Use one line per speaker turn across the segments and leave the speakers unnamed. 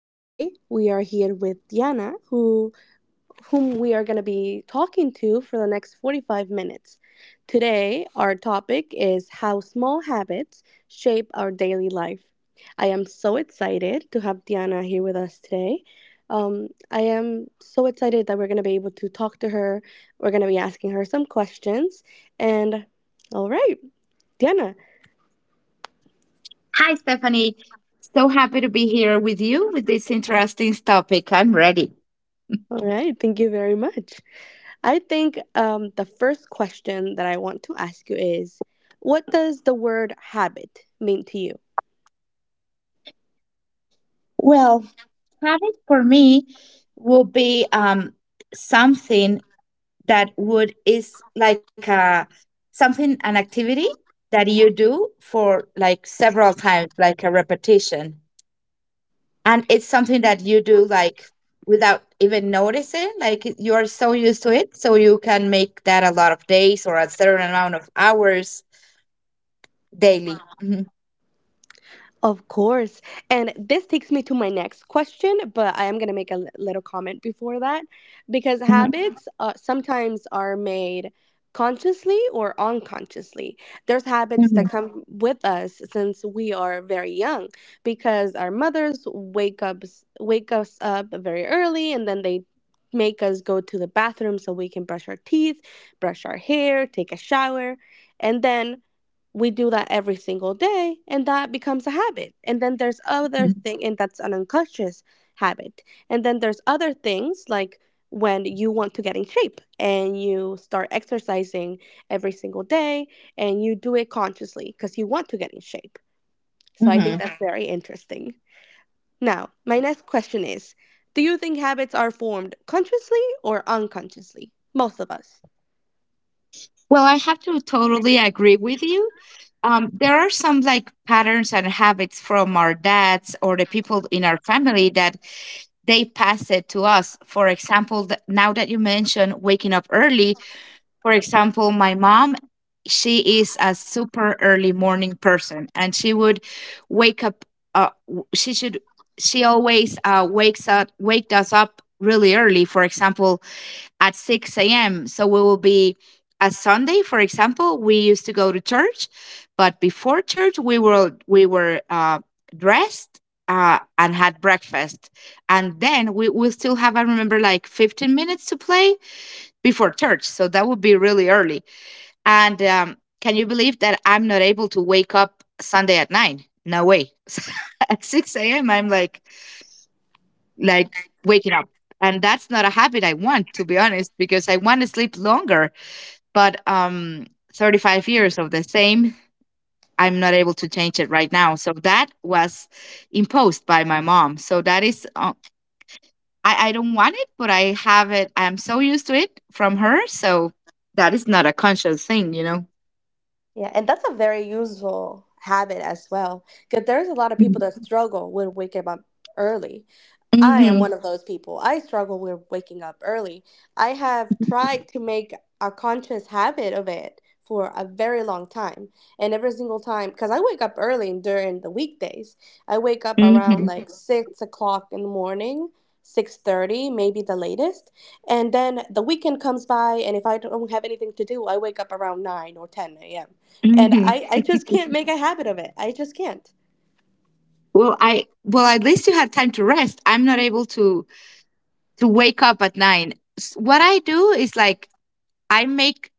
Today we are here with Diana, whom we are going to be talking to for the next 45 minutes. Today our topic is how small habits shape our daily life. I am so excited to have Diana here with us today. I am so excited that we're going to be able to talk to her. We're going to be asking her some questions. And all right, Diana,
Hi, Stephanie. So happy to be here with you with this interesting topic. I'm ready.
all right, thank you very much. I think the first question that I want to ask you is, what does the word habit mean to you?
Well, habit for me will be something that would is like a something, an activity that you do for like several times, like a repetition, and it's something that you do like without even noticing, like you are so used to it, so you can make that a lot of days or a certain amount of hours daily. Mhm.
Of course. And this takes me to my next question, but I am going to make a little comment before that, because
Mhm.
habits sometimes are made consciously or unconsciously. There's habits that
Mhm.
come with us since we are very young because our mothers wake us up very early and then they make us go to the bathroom so we can brush our teeth, brush our hair, take a shower, and then we do that every single day and that becomes a habit. And then there's other
Mhm.
thing, and that's an unconscious habit. And then there's other things, like when you want to get in shape and you start exercising every single day and you do it consciously because you want to get in shape. So I think
Mhm.
that's Mhm. very interesting. Now my next question is, do you think habits are formed consciously or unconsciously, most of us?
Well, I have to totally agree with you. There are some like patterns and habits from our dads or the people in our family that they pass it to us. For example, now that you mentioned waking up early, for example, my mom, she is a super early morning person and she would wake up, uh, w- she should, she always wakes up, waked us up really early. For example, at 6 a.m. So we will be, a Sunday, for example, we used to go to church, but before church we were dressed and had breakfast, and then we will still have, I remember, like 15 minutes to play before church, so that would be really early. And can you believe that I'm not able to wake up Sunday at nine? No way. At 6 a.m. I'm like waking up, and that's not a habit I want, to be honest, because I want to sleep longer, but 35 years of the same, I'm not able to change it right now. So that was imposed by my mom, so that is I don't want it, but I have it. I'm so used to it from her, so that is not a conscious thing, you know.
Yeah, and that's a very useful habit as well, because there's a lot of people that struggle with waking up early. I am one
Hmm.
of those people. I struggle with waking up early. I have tried to make a conscious habit of it for a very long time. And every single time, because I wake up early during the weekdays, I wake up around
Hmm.
like Mhm. 6 o'clock in the morning. 6:30 maybe the latest. And then the weekend comes by, and if I don't have anything to do I wake up around 9 or 10 a.m. And
Hmm.
I just can't make a habit of it. I just can't.
Well, I, well, at least you had time to rest. I'm not able to wake up at nine. What I do is like I make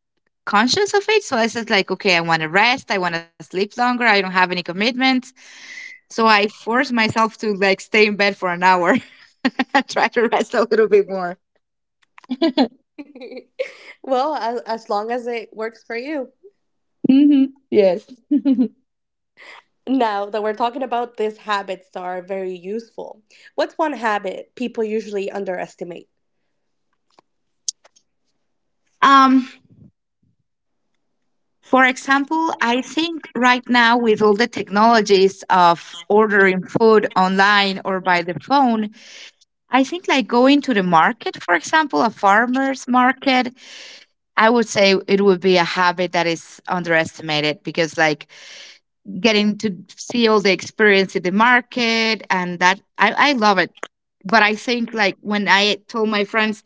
conscious of it. So I said, like, okay, I want to rest, I want to sleep longer, I don't have any commitments, so I force myself to like stay in bed for an hour and try to rest a little bit more.
Well, as long as it works for you.
Hmm. Yes.
Now that we're talking about these habits that are very useful, what's one habit people usually underestimate?
Um, for example, I think right now with all the technologies of ordering food online or by the phone, I think like going to the market, for example, a farmer's market, I would say it would be a habit that is underestimated because, like, getting to see all the experience in the market, I love it. But I think, like, when I told my friends,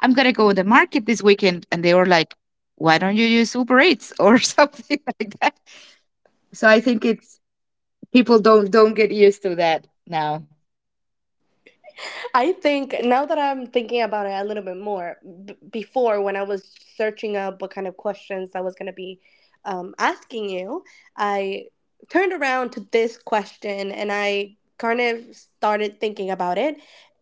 I'm going to go to the market this weekend, and they were like, why don't you use Uber Eats or something like that? So I think it's people don't get used to that now.
I think now that I'm thinking about it a little bit more, before when I was searching up what kind of questions I was going to be asking you, I turned around to this question and I kind of started thinking about it.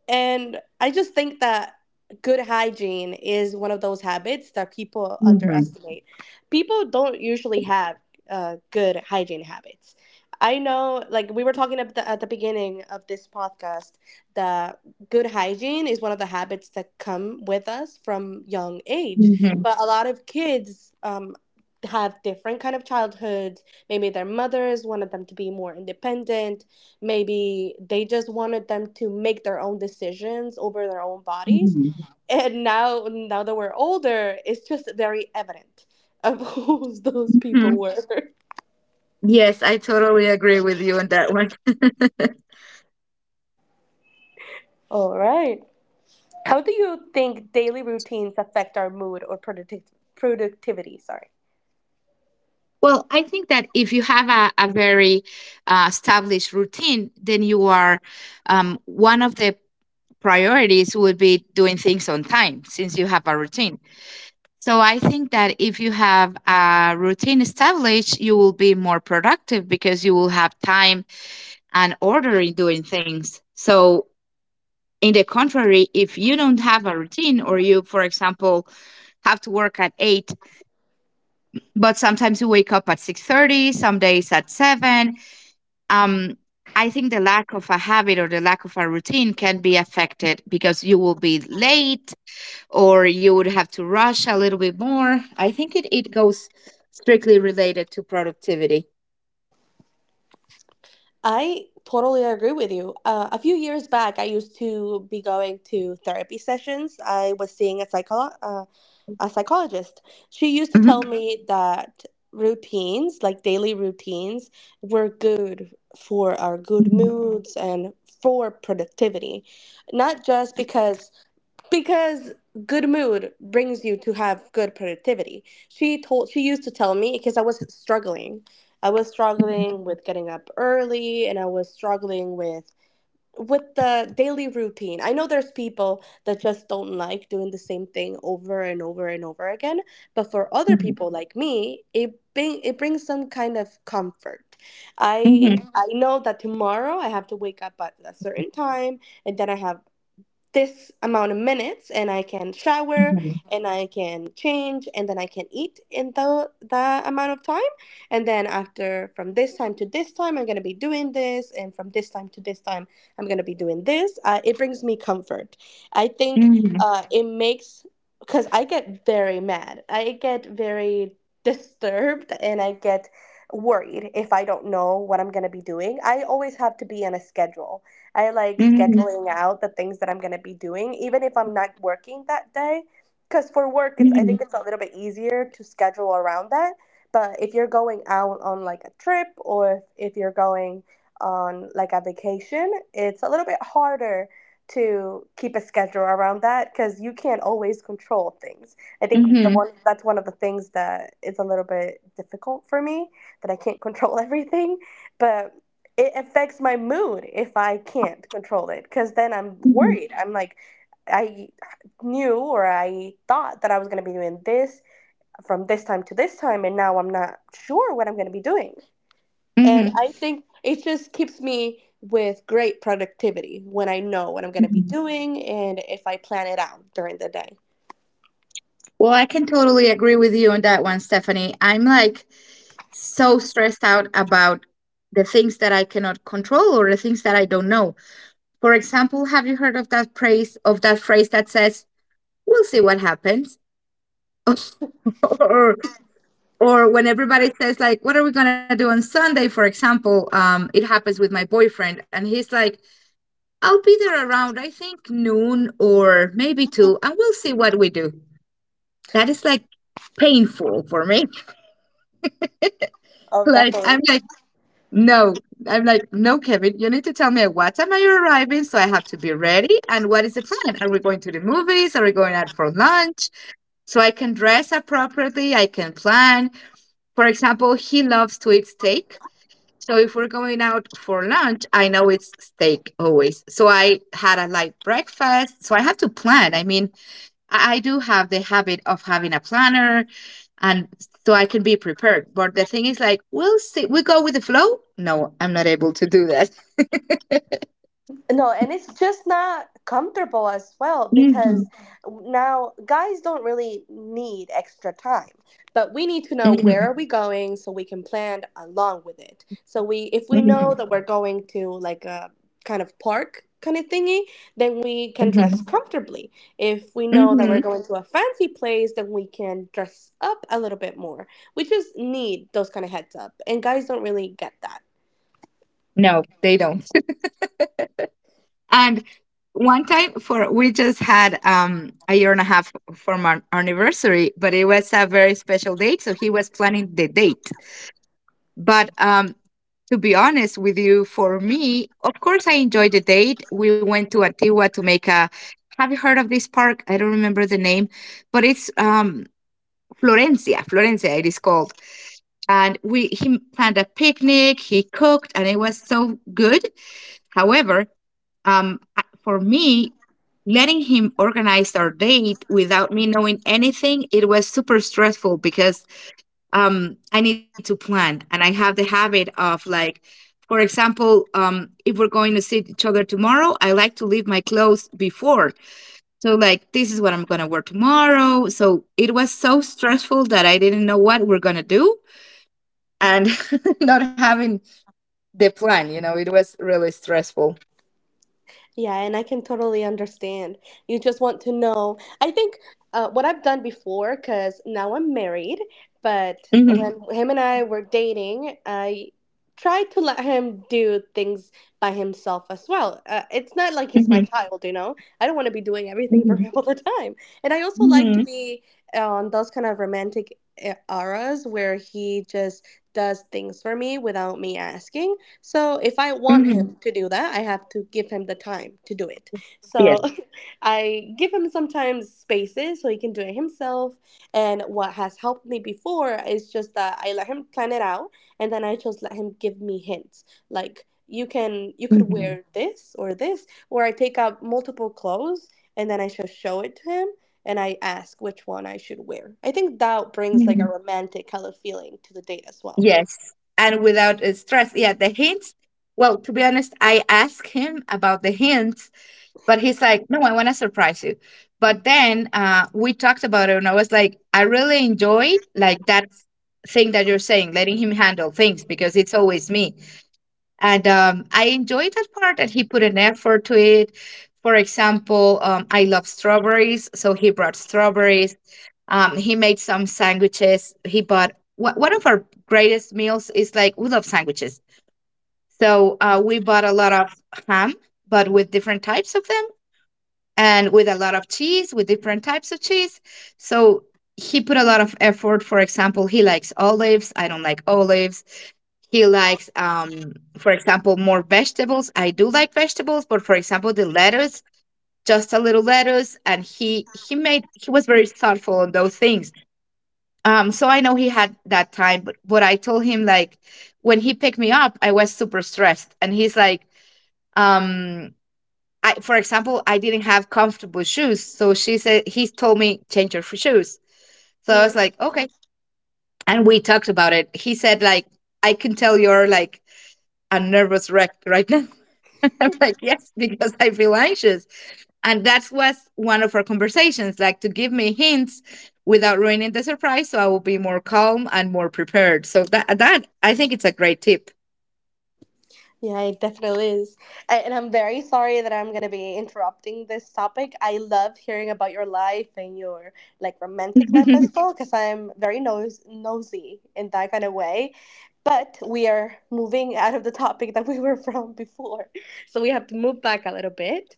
And I just think that good hygiene is one of those habits that people
Hmm.
underestimate. People don't usually have good hygiene habits. I know, like we were talking at the beginning of this podcast, that good hygiene is one of the habits that come with us from young age,
Hmm.
but a lot of kids have different kind of childhoods. Maybe their mothers wanted them to be more independent, maybe they just wanted them to make their own decisions over their own bodies, and now that we're older it's just very evident of who those
Hmm.
people were.
Yes, I totally agree with you on that one.
All right, how do you think daily routines affect our mood or productivity? Sorry.
Well, I think that if you have a very established routine, then you are, one of the priorities would be doing things on time since you have a routine. So I think that if you have a routine established, you will be more productive because you will have time and order in doing things. So, in the contrary, if you don't have a routine or you, for example, have to work at 8 but sometimes you wake up at 6:30, some days at 7, um, I think the lack of a habit or the lack of a routine can be affected because you will be late or you would have to rush a little bit more. I think it goes strictly related to productivity.
I totally agree with you. A few years back, I used to be going to therapy sessions. I was seeing a a psychologist. She used to tell
Mhm.
me that routines, like daily routines, were good for our good moods and for productivity, not just because good mood brings you to have good productivity. She told she used to tell me, because I was struggling, I was struggling with getting up early and I was struggling with the daily routine. I know there's people that just don't like doing the same thing over and over and over again, but for other
Mhm.
people like me it brings some kind of comfort. i
Mhm.
i know that tomorrow I have to wake up at a certain time, and then I have this amount of minutes and I can shower and I can change, and then I can eat in the amount of time, and then after from this time to this time I'm going to be doing this, and from this time to this time I'm going to be doing this. It brings me comfort. I think
Mhm.
it makes, because I get very mad, I get very disturbed and I get worried if I don't know what I'm going to be doing. I always have to be on a schedule. I like
Mhm.
scheduling out the things that I'm gonna be doing, even if I'm not working that day. Because for work, it's, I
Mhm.
think it's a little bit easier to schedule around that. But if you're going out on like a trip, or if you're going on like a vacation, it's a little bit harder to keep a schedule around that because you can't always control things. I think the
Mhm.
one that's one of the things that is a little bit difficult for me, that I can't control everything. But it affects my mood if I can't control it, because then I'm
Mhm.
worried. I'm like, I knew, or I thought that I was going to be doing this from this time to this time, and now I'm not sure what I'm going to be doing. And
Mhm.
I think it just keeps me with great productivity when I know what I'm going to be
Mhm.
doing and if I plan it out during the day.
Well, I can totally agree with you on that one, Stephanie. I'm like so stressed out about the things that I cannot control or the things that I don't know. For example, have you heard of that phrase that says, "We'll see what happens," or when everybody says like, "What are we gonna do on Sunday?" For example, it happens with my boyfriend, and he's like, "I'll be there around I think noon or maybe two, and we'll see what we do." That is like painful for me.
Oh,
like I'm
definitely.
like, no, I'm like, no, Kevin, you need to tell me what time are you arriving so I have to be ready, and what is the plan? Are we going to the movies? Are we going out for lunch? So I can dress appropriately, I can plan. For example, he loves to eat steak. So if we're going out for lunch, I know it's steak always. So I had a light breakfast. So I have to plan. I mean, I do have the habit of having a planner, and so I can be prepared. But the thing is like, we'll see, we go with the flow. No, I'm not able to do that.
No, and it's just not comfortable as well,
Mhm,
because now guys don't really need extra time, but we need to know
mhm,
where are we going so we can plan along with it. So we, if we
mhm,
know that we're going to like a kind of park kind of thingy, then we can
mhm,
dress comfortably. If we know that we're
mhm.
going to a fancy place, then we can dress up a little bit more. We just need those kind of heads up, and guys don't really get that.
No, they don't. And one time for we just had a year and a half from our anniversary, but it was a very special date, so he was planning the date. But to be honest with you, for me, of course I enjoyed the date. We went to Antigua to make a, have you heard of this park? I don't remember the name, but it's Florencia, Florencia it is called. And we, he planned a picnic, he cooked, and it was so good. However, um, for me, letting him organize our date without me knowing anything, it was super stressful because I need to plan, and I have the habit of like, for example, if we're going to see each other tomorrow, I like to leave my clothes before. So, like, this is what I'm going to wear tomorrow. So, it was so stressful that I didn't know what we're going to do, and not having the plan, you know, it was really stressful.
Yeah, and I can totally understand. You just want to know. I think what I've done before, because now I'm married, but
Hmm.
when him and I were dating, I tried to let him do things by himself as well. It's not like he's my child, you know? I don't want to be doing everything
Mhm.
for him all the time. And I also like to
Mhm.
be on those kind of romantic auras where he just does things for me without me asking. So if I want
Mhm.
him to do that, I have to give him the time to do it.
Yes.
So I give him sometimes spaces so he can do it himself. And what has helped me before is just that I let him plan it out and then I just let him give me hints. Like you can you could
Mhm.
wear this or this, or I take out multiple clothes and then I just show it to him and I ask which one I should wear. I think that brings like a
Mhm.
romantic color feeling to the date as well.
Yes. And without stress. Yeah, the hints. Well, to be honest, I asked him about the hints, but he's like, no, I want to surprise you. But then we talked about it, and I was like, I really enjoyed like that thing that you're saying, letting him handle things because it's always me. And I enjoyed that part that he put an effort to it. For example, I love strawberries, so he brought strawberries. He made some sandwiches. He bought one of our greatest meals is like we love sandwiches. So we bought a lot of ham, but with different types of them, and with a lot of cheese, with different types of cheese. So he put a lot of effort. For example, he likes olives, I don't like olives. He likes, for example, more vegetables. I do like vegetables, but for example, the lettuce, just a little lettuce, and he made he was very thoughtful on those things, so I know he had that time. But what I told him, like when he picked me up, I was super stressed, and he's like, um, I, for example, I didn't have comfortable shoes, so she said he told me change your shoes. So I was like, okay, and we talked about it. He said like, I can tell you're like a nervous wreck right now. I'm like, yes, because I feel anxious. And that was one of our conversations, like to give me hints without ruining the surprise so I will be more calm and more prepared. So that I think it's a great tip.
Yeah, it definitely is. And I'm very sorry that I'm going to be interrupting this topic. I love hearing about your life and your like romantic life
Well,
as well, because I'm very nosy in that kind of way. But we are moving out of the topic that we were from before. So we have to move back a little bit.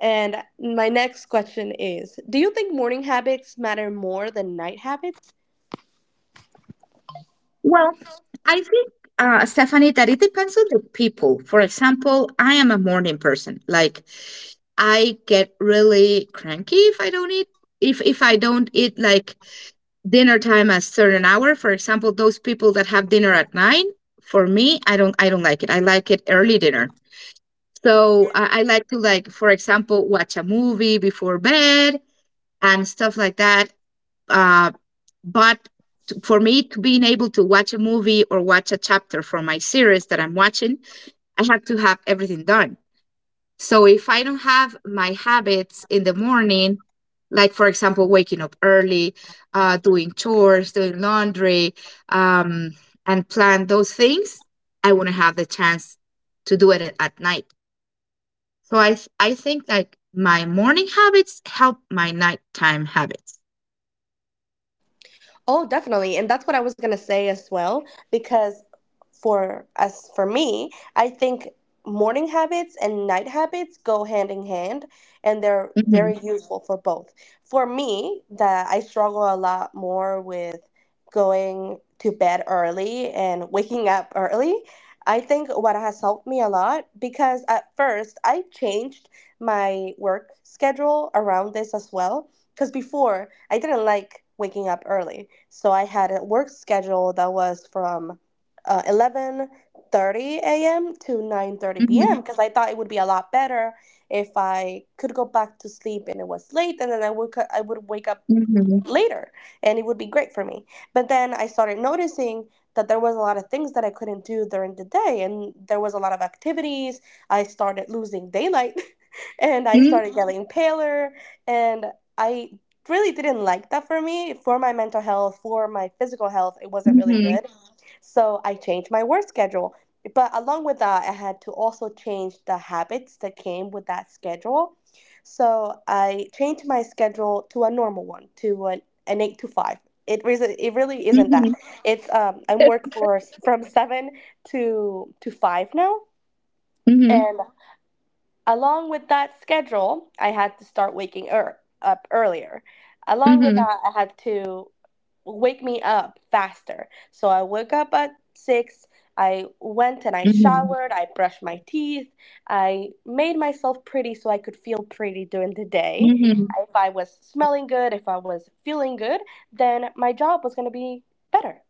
And my next question is, do you think morning habits matter more than night habits?
I think Stephanie, that it depends on the people. For example, I am a morning person. Like I get really cranky if I don't eat, if I don't eat like dinner time at certain hour. For example, those people that have dinner at nine, for me, I don't like it, I like it early dinner. So I like to like, for example, watch a movie before bed and stuff like that, uh, but to, for me to being able to watch a movie or watch a chapter from my series that I'm watching, I have to have everything done. So if I don't have my habits in the morning, like for example, waking up early, doing chores, doing laundry, um, and plan those things, I wouldn't have the chance to do it at night. So I think like my morning habits help my nighttime habits.
Oh, definitely. And that's what I was going to say as well, because for as for me, I think morning habits and night habits go hand in hand and they're
Mhm,
very Mhm. useful for both. For me, that I struggle a lot more with going to bed early and waking up early. I think what has helped me a lot, because at first I changed my work schedule around this as well, because before I didn't like waking up early, so I had a work schedule that was from 11:30 a.m. to 9:30
mhm,
p.m. because I thought it would be a lot better if I could go back to sleep and it was late, and then I would wake up
mhm,
later and it would be great for me. But then I started noticing that there was a lot of things that I couldn't do during the day and there was a lot of activities. I started losing daylight and I
mhm,
started getting paler and I really didn't like that for me, for my mental health, for my physical health. It wasn't really
mhm,
good. So I changed my work schedule. But along with that, I had to also change the habits that came with that schedule. So I changed my schedule to a normal one, to an 8 to 5. It really isn't that. It's I'm work from seven to five now,
mhm,
and along with that schedule, I had to start waking up earlier. Along with
mhm,
that, I had to wake me up faster. So I woke up at 6. I went and I
mhm, mhm,
showered. I brushed my teeth. I made myself pretty so I could feel pretty during the day.
mhm,
If I was smelling good, if I was feeling good, then my job was going to be better.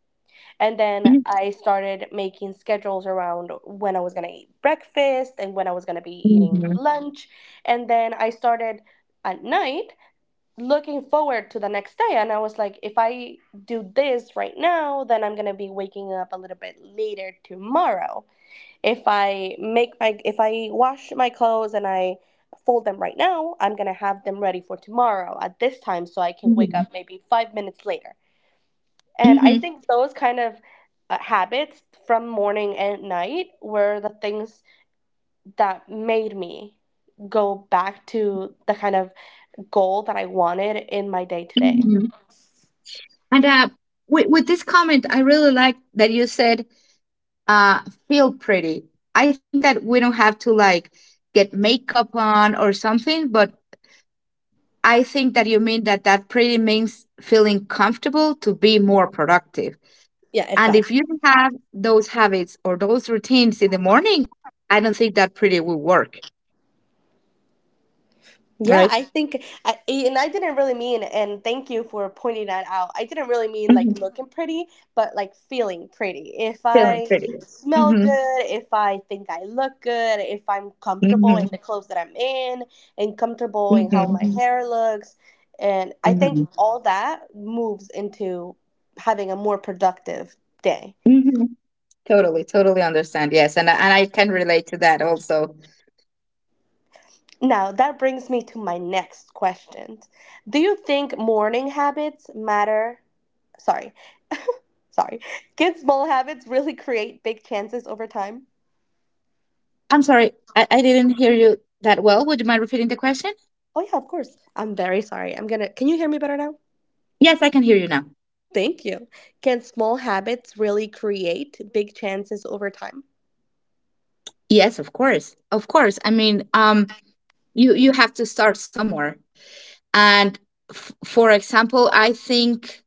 And then I started making schedules around when I was going to eat breakfast and when I was going to be eating
mhm,
lunch. And then I started at night looking forward to the next day. And I was like, if I do this right now, then I'm going to be waking up a little bit later tomorrow. If I wash my clothes and I fold them right now, I'm going to have them ready for tomorrow at this time so I can wake
mhm,
up maybe 5 minutes later. And I
mhm,
think those kind of habits from morning and night were the things that made me go back to the kind of goal that I wanted in my day to
mhm,
day.
mhm. And with this comment, I really like that you said uh, feel pretty. I think that we don't have to like get makeup on or something, but I think that you mean that that pretty means feeling comfortable to be more productive.
Yeah,
And if
exactly.
you don't have those habits or those routines in the morning, I don't think that pretty will work,
Yeah,
right?
I think, and I didn't really mean, and thank you for pointing that out. I didn't really mean like
Mhm.
looking pretty, but like feeling pretty. If
Feeling
I
pretty.
smell
Hmm,
good, if I think I look good, if I'm comfortable in the
hmm,
clothes that I'm in, and comfortable in how my
hmm,
hair looks. And I think
hmm,
all that moves into having a more productive day.
hmm. Totally, totally understand. Yes, and I can relate to that also.
Now, that brings me to my next question. Do you think morning habits matter? Sorry. Sorry. Good small habits really create big chances over time.
I'm sorry, I didn't hear you that well. Would you mind repeating the question?
Oh, yeah, of course. I'm very sorry. I'm gonna. Can you hear me better now?
Yes, I can hear you now.
Thank you. Can small habits really create big chances over time?
Yes, of course, of course. I mean, you have to start somewhere, and for example, I think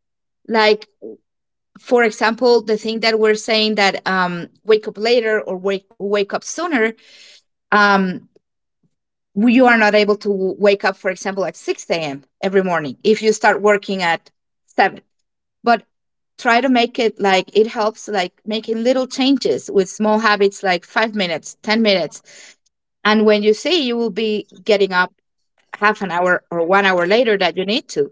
like for example the thing that we're saying that wake up later or wake up sooner um you are not able to wake up for example at 6 a.m every morning if you start working at 7. But try to make it like it helps like making little changes with small habits like 5 minutes, 10 minutes. And when you see you will be getting up half an hour or 1 hour later that you need to.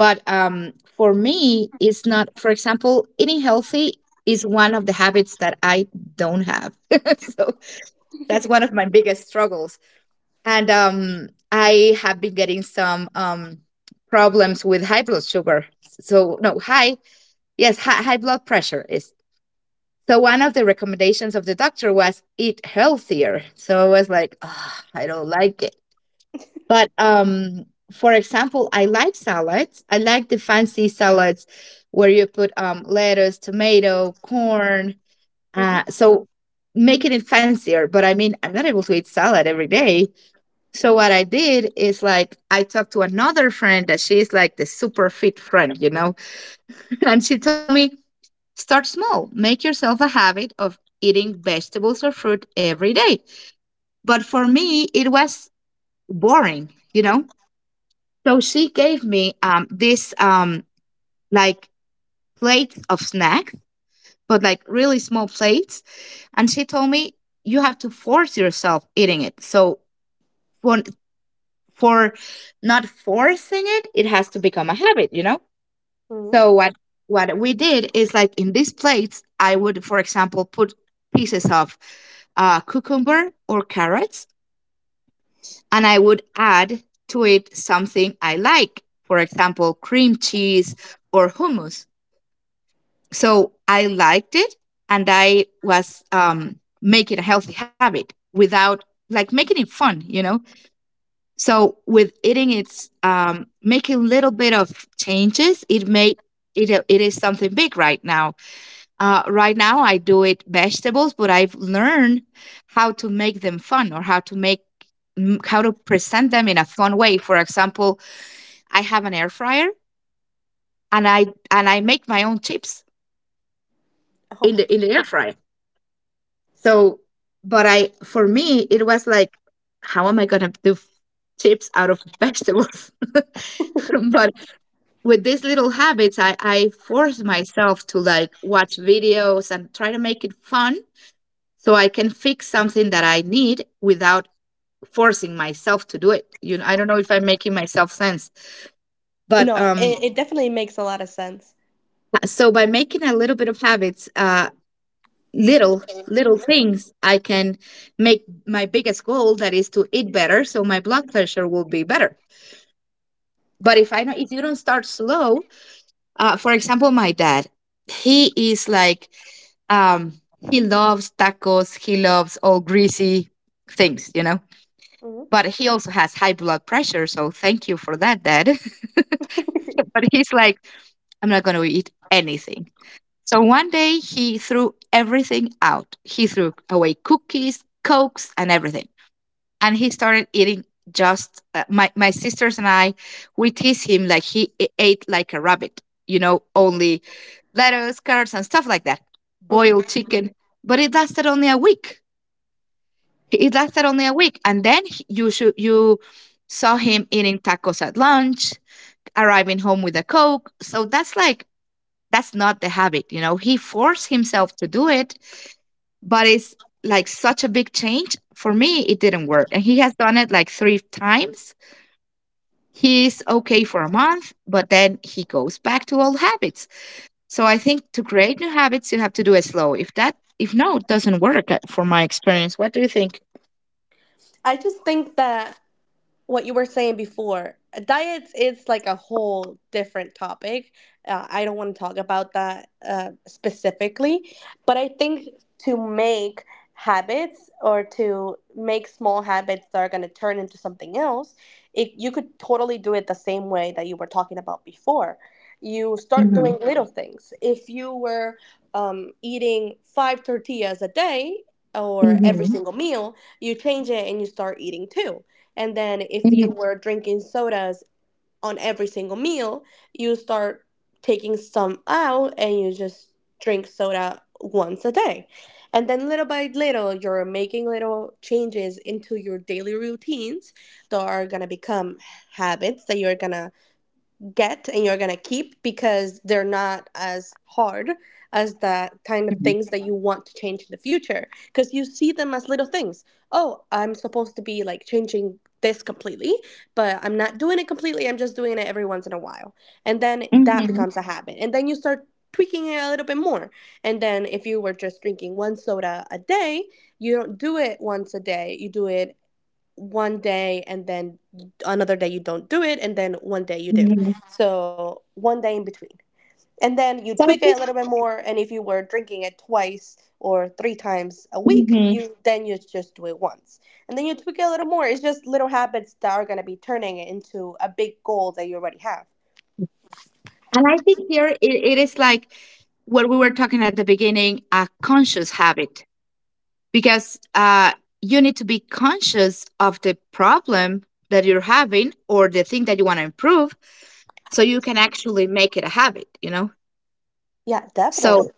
But for me it's not for example eating healthy is one of the habits that I don't have. So that's one of my biggest struggles. And I have been getting some problems with high blood sugar. So no, high. Yes, high, high blood pressure is. So one of the recommendations of the doctor was eat healthier. So I was like, oh, I don't like it. But for example, I like salads. I like the fancy salads where you put lettuce, tomato, corn. Uh,
hmm,
so making it fancier. But I mean, I'm not able to eat salad every day. So what I did is like I talked to another friend that she's like the super fit friend, and she told me, start small. Make yourself a habit of eating vegetables or fruit every day. But for me, it was boring, you know? So she gave me this like plate of snacks, but like really small plates. And she told me, you have to force yourself eating it. So for, for not forcing it, it has to become a habit, you know?
hmm.
So what we did is like in these plates, I would, for example, put pieces of cucumber or carrots, and I would add to it something I like, for example, cream cheese or hummus. So I liked it, and I was making a healthy habit without like making it fun. So with eating, it's making little bit of changes. It may it it is something big right now. Right now, I do it vegetables, but I've learned how to make them fun or how to present them in a fun way. For example, I have an air fryer and I make my own chips in
Oh.
the in the air fryer. So, but I for me it was like, how am I gonna do chips out of vegetables? But with these little habits, I force myself to like watch videos and try to make it fun so I can fix something that I need without forcing myself to do it. You know, I don't know if I'm making myself sense, but
No, it,
um,
it definitely makes a lot of sense.
so by making a little bit of habits, little little things, I can make my biggest goal that is to eat better, so my blood pressure will be better. But if I don't, if you don't start slow, for example, my dad, he is like, um, he loves tacos, he loves all greasy things,
Hmm,
but he also has high blood pressure. So thank you for that, Dad. But he's like, I'm not going to eat anything. So one day he threw everything out. He threw away cookies, cokes, and everything. And he started eating just my sisters and I. We tease him like he ate like a rabbit. You know, only lettuce, carrots, and stuff like that. Boiled
hmm.
chicken. But it lasted only a week. It lasted only a week, and then you saw him eating tacos at lunch, arriving home with a coke. So that's like that's not the habit. He forced himself to do it, but it's like such a big change. For me, it didn't work, and he has done it like three times. He's okay for a month, but then he goes back to old habits. So I think to create new habits, you have to do it slow. If no, it doesn't work for my experience. What do you think?
I just think that what you were saying before, diets is like a whole different topic. I don't want to talk about that specifically, but I think to make habits or to make small habits that are going to turn into something else, it, you could totally do it the same way that you were talking about before. You start
Mm-hmm.
doing little things. If you were eating five tortillas a day or every
Mm-hmm.
single meal, you change it and you start eating two. And then if
Mhm,
you were drinking sodas on every single meal, you start taking some out and you just drink soda once a day. And then little by little, you're making little changes into your daily routines that are gonna become habits that you're gonna get and you're gonna keep because they're not as hard as the kind of
mhm,
things that you want to change in the future because you see them as little things. Oh, I'm supposed to be like changing this completely, but I'm not doing it completely. I'm just doing it every once in a while, and then that
mhm,
becomes a habit. And then you start tweaking it a little bit more. And then if you were just drinking one soda a day, you don't do it once a day, you do it one day and then another day you don't do it, and then one day you do,
mhm.
so one day in between. And then you
So
tweak
I
it a
think,
little bit more, and if you were drinking it twice or three times a week,
mhm.
you then you just do it once, and then you tweak it a little more. It's just little habits that are going to be turning it into a big goal that you already have.
And I think here it is like what we were talking at the beginning, a conscious habit, because you need to be conscious of the problem that you're having or the thing that you want to improve, so you can actually make it a habit. You know,
Yeah,
so
definitely.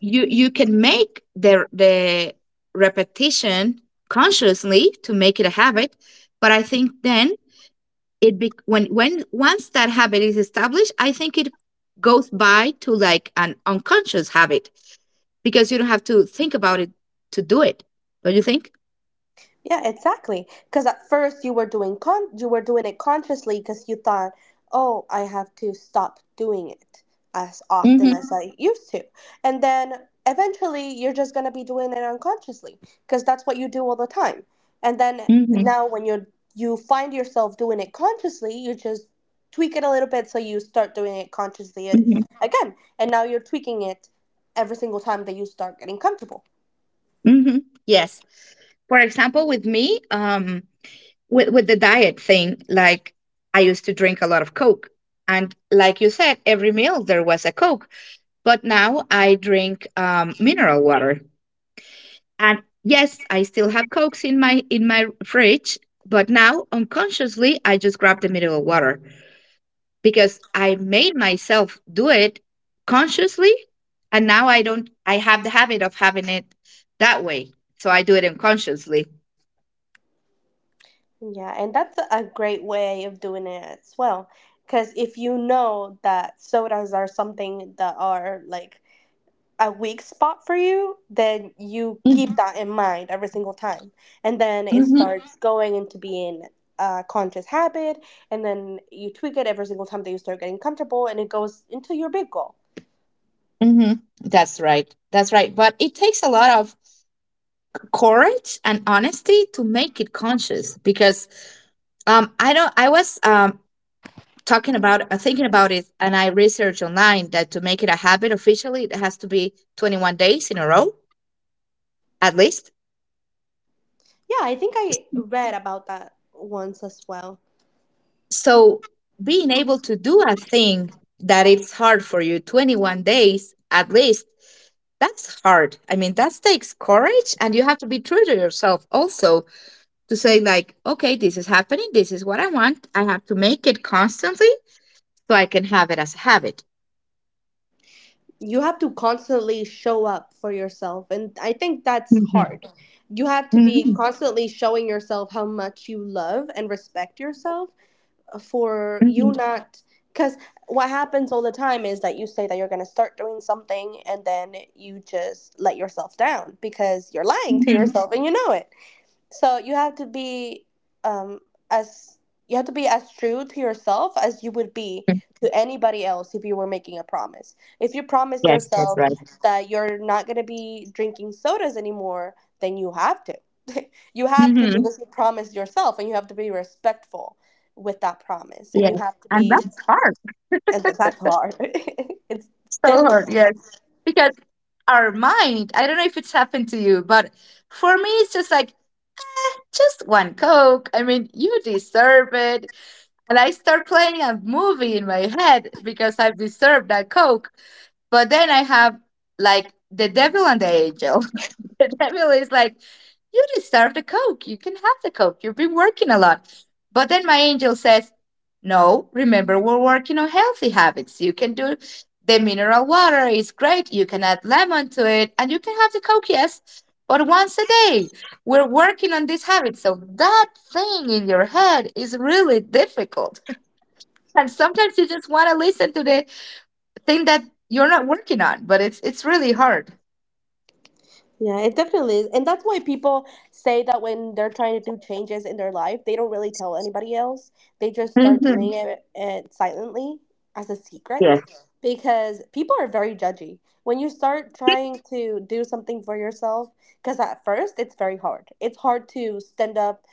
you can make the repetition consciously to make it a habit, but I think then it be- when once that habit is established, I think it goes by to like an unconscious habit because you don't have to think about it to do it, don't you think?
Yeah, exactly. Because at first you were doing con you were doing it consciously because you thought, "Oh, I have to stop doing it as
Mm-hmm,
often as I used to." And then eventually you're just going to be doing it unconsciously because that's what you do all the time. And then
mm-hmm,
now when you find yourself doing it consciously, you just tweak it a little bit so you start doing it consciously
mm-hmm,
again. And now you're tweaking it every single time that you start getting comfortable.
mm-hmm. Yes, for example with me with the diet thing, like I used to drink a lot of coke and like you said every meal there was a coke, but now I drink mineral water. And yes, I still have cokes in my fridge, but now unconsciously I just grabbed a mineral water because I made myself do it consciously, and now I don't. I have the habit of having it that way, so I do it unconsciously.
Yeah, and that's a great way of doing it as well. Because if you know that sodas are something that are like a weak spot for you, then you keep that in mind every single time. And then it
Mm-hmm.
starts going into being a conscious habit. And then you tweak it every single time that you start getting comfortable, and it goes into your big goal.
Hmm. That's right. That's right. But it takes a lot of courage and honesty to make it conscious because I don't. I was talking about thinking about it, and I researched online that to make it a habit officially it has to be 21 days in a row at least,
Yeah, I think I read about that once as well.
so being able to do a thing that it's hard for you 21 days at least, that's hard. I mean, that takes courage, and you have to be true to yourself also to say like, okay, this is happening, this is what I want, I have to make it constantly so I can have it as a habit.
You have to constantly show up for yourself, and I think that's
Mhm,
hard. You have to be
mhm,
constantly showing yourself how much you love and respect yourself for you,
mhm,
not because what happens all the time is that you say that you're going to start doing something and then you just let yourself down because you're lying to
mhm.
yourself and you know it. So you have to be um as you have to be as true to yourself as you would be to anybody else if you were making a promise. If you promise
Yes, that's
yourself
right.
that you're not going to be drinking sodas anymore, then you have to. you have to,
Mhm.
because you promised yourself and you have to be respectful with that promise. And you
Yes.
have to
And
be,
that's hard.
and that's hard. it's
So hard.
difficult.
Yes. Because our mind, I don't know if it's happened to you, but for me, it's just like, just one Coke. I mean, you deserve it. And I start playing a movie in my head because I've deserved that Coke. But then I have like the devil and the angel. And everybody's like, you deserve the Coke. You can have the Coke. You've been working a lot. But then my angel says, no, remember, we're working on healthy habits. You can do the mineral water, is great. You can add lemon to it and you can have the Coke, yes, but once a day. We're working on this habit. So that thing in your head is really difficult. And sometimes you just want to listen to the thing that you're not working on, but it's really hard.
Yeah, it definitely is. And that's why people say that when they're trying to do changes in their life, they don't really tell anybody else. They just start
Hmm.
doing it silently as a secret,
Yes.
because people are very judgy. When you start trying to do something for yourself, because at first it's very hard. It's hard to stand up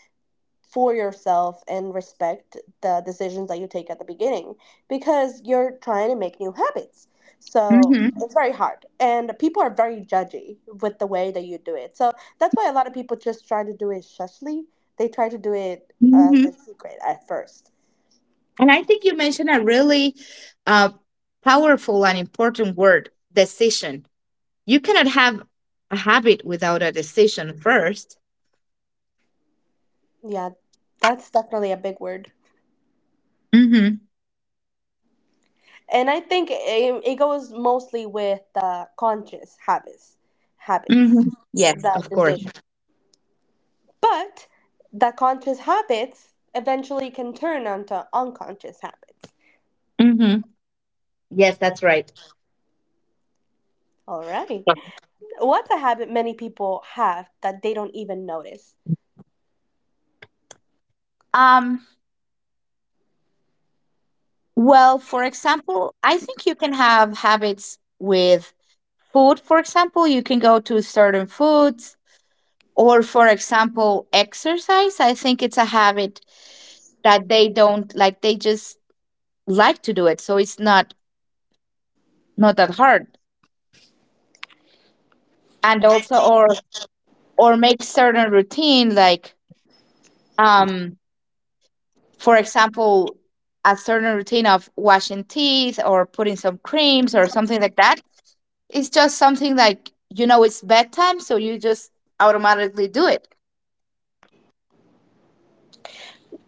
for yourself and respect the decisions that you take at the beginning, because you're trying to make new habits. So it's very hard, and people are very judgy with the way that you do it. So that's why a lot of people just try to do it shushly. They try to do it as a
Hmm.
secret at first.
And I think you mentioned a really uh, powerful and important word, decision. You cannot have a habit without a decision first.
Yeah, that's definitely a big word.
Mm-hmm.
And I think it goes mostly with conscious habits, habits
Mm-hmm. Yes,
that
of course.
decision. But the conscious habits eventually can turn onto unconscious habits.
Mm-hmm. Yes, that's right.
All right, what's a habit many people have that they don't even notice?
Um, well, for example, I think you can have habits with food. For example, you can go to certain foods, or for example, exercise. I think it's a habit that they don't like, they just like to do it. So it's not that hard, and also or make certain routine, like um for example a certain routine of washing teeth or putting some creams or something like that. It's just something like it's bedtime, so you just automatically do it.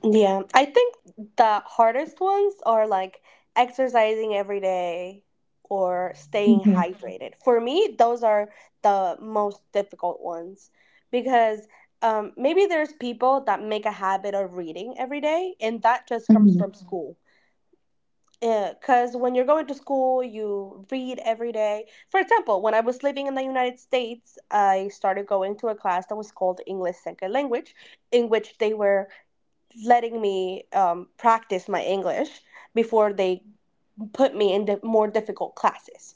Yeah, I think the hardest ones are like exercising every day or staying
Mhm,
hydrated. For me, those are the most difficult ones because maybe there's people that make a habit of reading every day, and that just comes
mhm,
from school. Because when you're going to school, you read every day. For example, when I was living in the United States, I started going to a class that was called English Second Language, in which they were letting me practice my English before they put me into more difficult classes.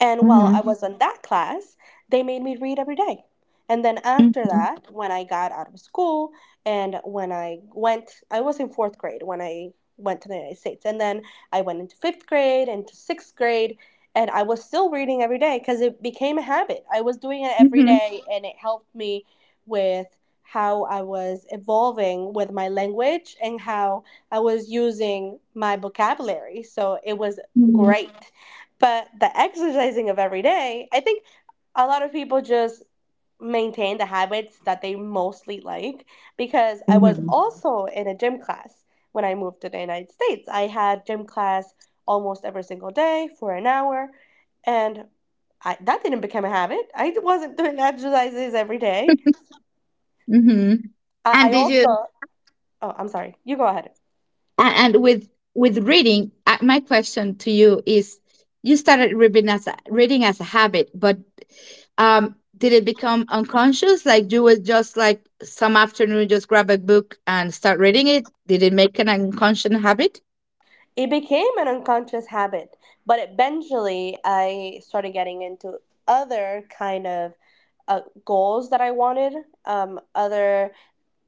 And while I
mhm,
was in that class, they made me read every day. And then after
mhm,
that, when I got out of school and when I went, I was in fourth grade when I went to the United States. And then I went into fifth grade, into sixth grade, and I was still reading every day because it became a habit. I was doing it every
mhm,
day, and it helped me with how I was evolving with my language and how I was using my vocabulary. So it was
mhm,
great. But the exercising of every day, I think a lot of people just maintain the habits that they mostly like, because I was
mhm,
also in a gym class when I moved to the United States. I had gym class almost every single day for an hour, and I that didn't become a habit. I wasn't doing exercises every day.
mhm.
I,
and
I
did you
also, oh, I'm sorry. You go ahead.
And with reading, my question to you is: you started reading as a habit, but did it become unconscious? Like you would just like some afternoon, just grab a book and start reading it. Did it make an unconscious habit?
It became an unconscious habit, but eventually I started getting into other kind of goals that I wanted, other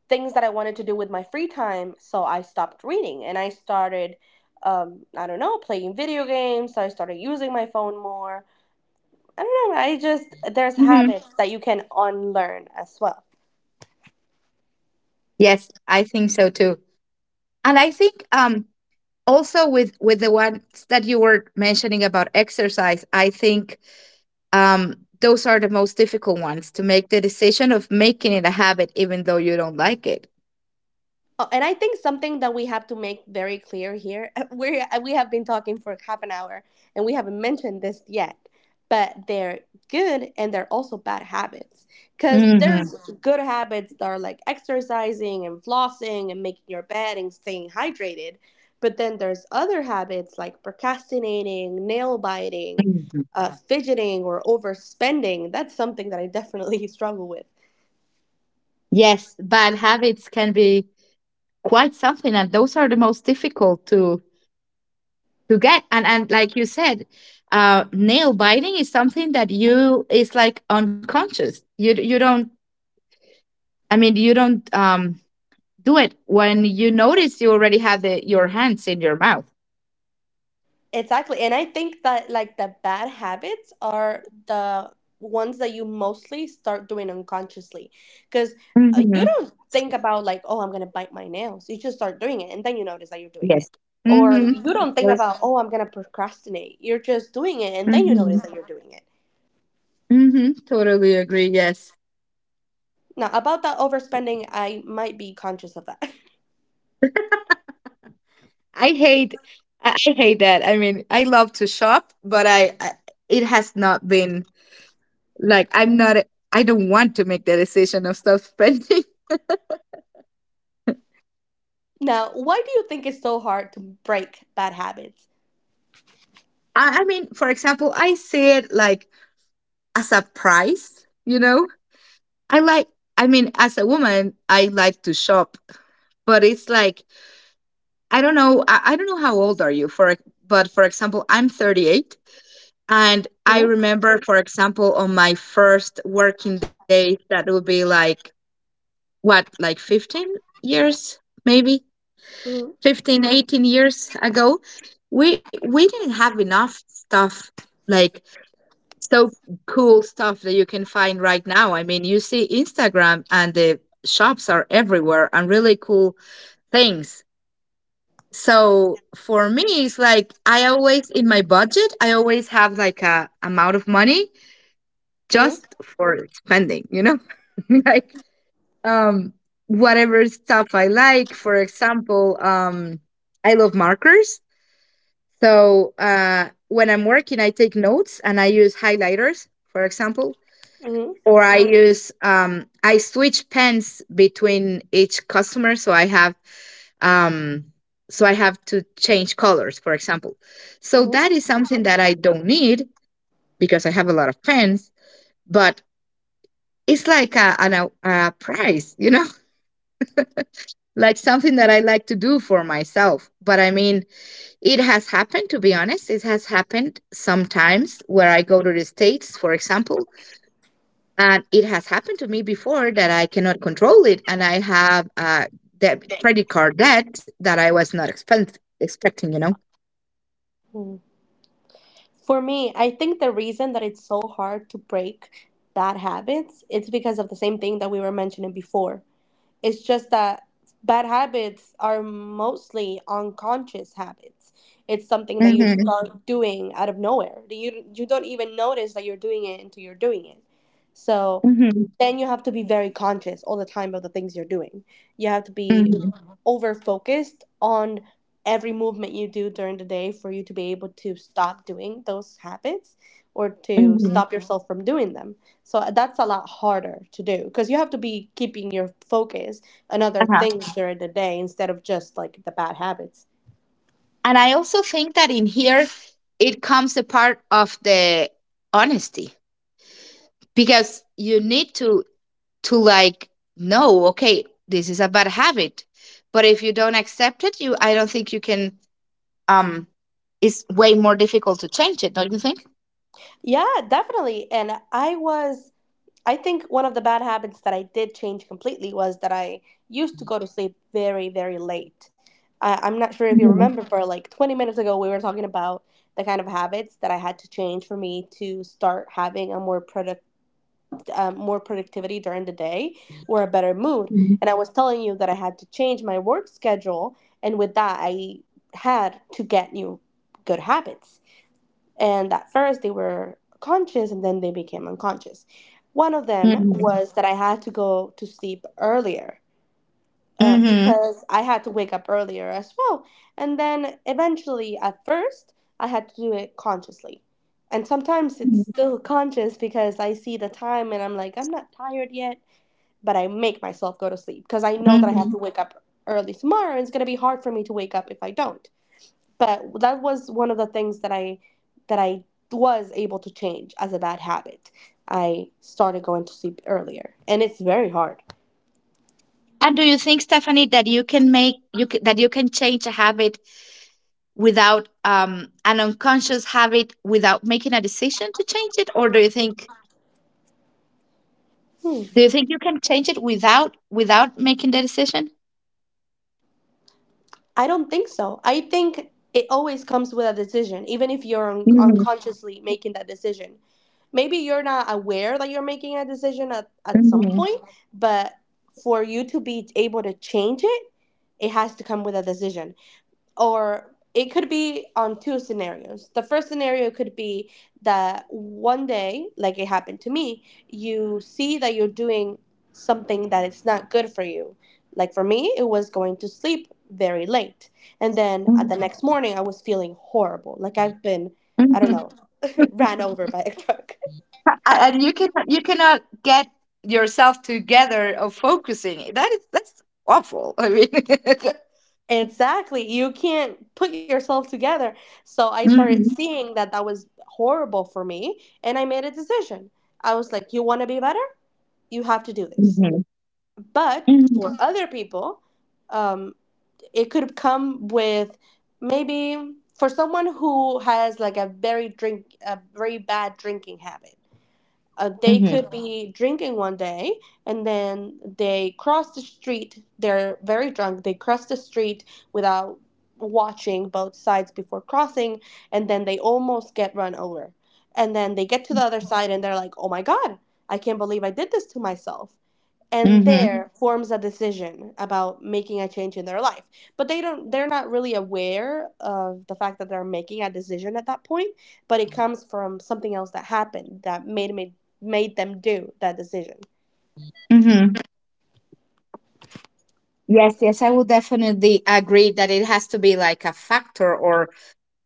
things that I wanted to do with my free time. So I stopped reading and I started, I don't know, playing video games. So I started using my phone more. I don't know. I just, there's
Hmm.
habits that you can unlearn as well.
Yes, I think so too. And I think also with the ones that you were mentioning about exercise, I think um, those are the most difficult ones to make the decision of making it a habit even though you don't like it.
Oh, and I think something that we have to make very clear here, we have been talking for half an hour and we haven't mentioned this yet, but they're good and they're also bad habits. Because there's.
Mhm,
Mhm. Good habits that are like exercising and flossing and making your bed and staying hydrated, but then there's other habits like procrastinating, nail biting,
mhm.
fidgeting, or overspending. That's something that I definitely struggle with.
Yes, bad habits can be quite something, and those are the most difficult to get, and like you said, nail biting is something that you is like unconscious. You don't, I mean, you don't do it when you notice you already have your hands in your mouth.
Exactly. And I think that, like, the bad habits are the ones that you mostly start doing unconsciously, because you
Hmm.
don't think about, like, oh, I'm going to bite my nails. You just start doing it and then you notice that you're doing
Yes.
it.
Hmm.
Or you don't think
Yes.
about, oh, I'm going to procrastinate. You're just doing it and then you
Hmm.
notice that you're doing it.
Hmm. Totally agree. Yes,
Now, about that overspending, I might be conscious of that.
I hate, I hate that. I mean, I love to shop, but I it has not been like I'm not. I don't want to make the decision of stop spending.
Now, why do you think it's so hard to break bad habits?
I mean, for example, I see it like as a price. You know, I like. I mean, as a woman, I like to shop, but it's like I don't know. I don't know how old are you for, but for example, I'm 38. And I
hmm
remember, for example, on my first working day, that would be like, what, like 15 years, maybe
hmm
15, 18 years ago, we didn't have enough stuff like so cool stuff that you can find right now. I mean, you see Instagram and the shops are everywhere and really cool things. So for me, it's like I always in my budget, I always have like a amount of money
hmm
just for spending, you know? Like um whatever stuff I like. For example, I love markers. So when I'm working, I take notes and I use highlighters, for example. Or I switch pens between each customer, so um I have to change colors, for example. So
hmm
that is something that I don't need because I have a lot of pens, but it's like a prize, you know, like something that I like to do for myself. But I mean, it has happened, to be honest. It has happened sometimes where I go to the States, for example, and it has happened to me before that I cannot control it, and I have that credit card debt that I was not expecting. You know.
hmm For me, I think the reason that it's so hard to break bad habits, it's because of the same thing that we were mentioning before. It's just that bad habits are mostly unconscious habits. It's something that you
Hmm.
start doing out of nowhere. You don't even notice that you're doing it until you're doing it. So
Hmm.
then you have to be very conscious all the time of the things you're doing. You have to be
Hmm.
over focused on every movement you do during the day for you to be able to stop doing those habits or to
Hmm.
stop yourself from doing them. So that's a lot harder to do, because you have to be keeping your focus on other things during the day instead of just, like, the bad habits.
And I also think that in here, it comes a part of the honesty, because you need to like know, okay, this is a bad habit, but if you don't accept it, you I don't think you can um it's way more difficult to change it, don't you think?
Yeah, definitely. And I think one of the bad habits that I did change completely was that I used to go to sleep very, very late. I'm not sure if you remember,
Hmm.
but like 20 minutes ago, we were talking about the kind of habits that I had to change for me to start having a more more productivity during the day or a better mood. And I was telling you that I had to change my work schedule, and with that, I had to get new good habits, and at first they were conscious and then they became unconscious. One of them
Hmm.
was that I had to go to sleep earlier, because I had to wake up earlier as well. And then eventually, at first I had to do it consciously, and sometimes it's still conscious because I see the time and I'm like, I'm not tired yet, but I make myself go to sleep because I know that I have to wake up early tomorrow and it's going to be hard for me to wake up if I don't. But that was one of the things that I was able to change as a bad habit. I started going to sleep earlier, and it's very hard.
And do you think, Stephanie, that you can make you ca- that you can change a habit without an unconscious habit without making a decision to change it, or
Hmm.
do you think you can change it without making the decision?
I don't think so. I think it always comes with a decision, even if you're unconsciously making that decision. Maybe you're not aware that you're making a decision at some point, but for you to be able to change it, it has to come with a decision. Or it could be on two scenarios. The first scenario could be that one day, like it happened to me, you see that you're doing something that is not good for you. Like, for me, it was going to sleep very late. And then at the next morning, I was feeling horrible. Like, I've been, I don't know, ran over by a truck.
And you cannot get yourself together of focusing. That's awful. I mean.
Exactly. You can't put yourself together. So I started seeing that that was horrible for me, and I made a decision. I was like, you want to be better? You have to do this.
Mm-hmm.
But for other people, um, it could come with, maybe for someone who has like a very bad drinking habit, they could be drinking one day and then they cross the street, they're very drunk, they cross the street without watching both sides before crossing, and then they almost get run over, and then they get to the other side and they're like, oh my god, I can't believe I did this to myself. And there forms a decision about making a change in their life, but they don't, they're not really aware of the fact that they're making a decision at that point, but it comes from something else that happened that made them do that decision.
Hmm. Yes, yes, I would definitely agree that it has to be like a factor or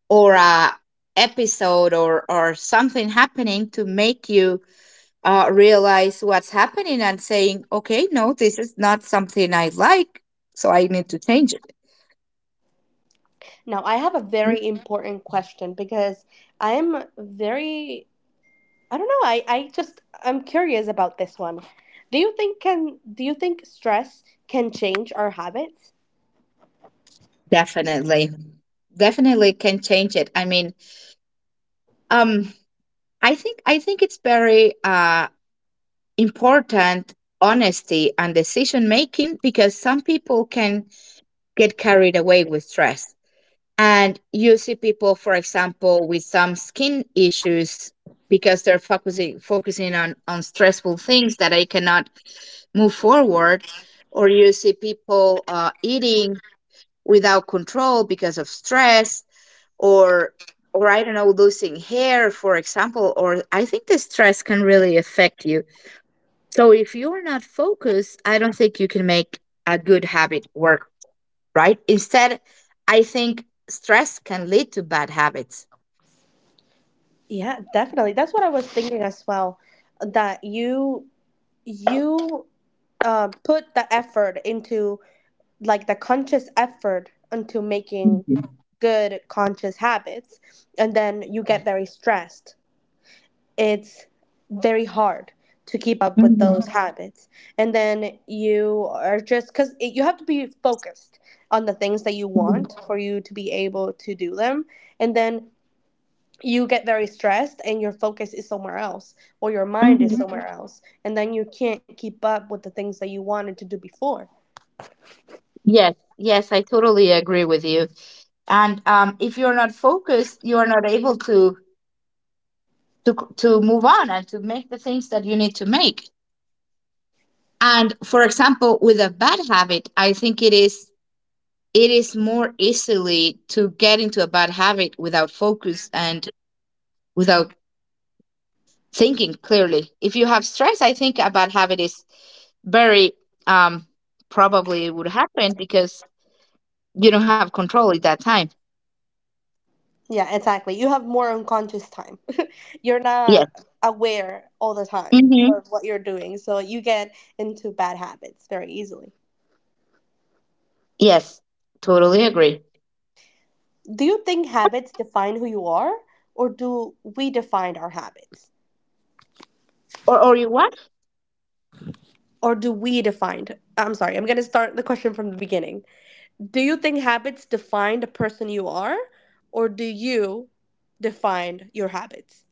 or a episode or something happening to make you realize what's happening and saying, okay, no, this is not something I like, so I need to change it.
Now, I have a very important question, because I'm very, I don't know, I just I'm curious about this one. Do you think can do you think stress can change our habits?
Definitely, definitely can change it. I mean, um, I think it's very important, honesty and decision making, because some people can get carried away with stress. And you see people, for example, with some skin issues because they're focusing on stressful things that I cannot move forward. Or you see people eating without control because of stress or or I don't know, losing hair, for example, or I think the stress can really affect you. So if you're not focused, I don't think you can make a good habit work, right? Instead, I think stress can lead to bad habits.
Yeah, definitely. That's what I was thinking as well, that you put the effort into, like, the conscious effort into making
Mhm,
good conscious habits, and then you get very stressed, it's very hard to keep up with those.
mhm,
Mhm. Habits, and then you are, just because you have to be focused on the things that you
mhm,
want for you to be able to do them, and then you get very stressed and your focus is somewhere else or your mind is
mhm.
somewhere else, and then you can't keep up with the things that you wanted to do before.
Yes, yes, I totally agree with you. And if you're not focused, you are not able to move on and to make the things that you need to make. And for example, with a bad habit, I think it is more easily to get into a bad habit without focus and without thinking clearly. If you have stress, I think a bad habit is very um probably it would happen because you don't have control at that time.
Yeah, exactly. You have more unconscious time. You're not
Yes.
aware all the time
Hmm.
of what you're doing, so you get into bad habits very easily.
Yes. Totally agree.
Do you think habits define who you are, or do we define our habits,
Or you what?
or do we define I'm sorry, I'm going to start the question from the beginning. Do you think habits define the person you are, or do you define your habits?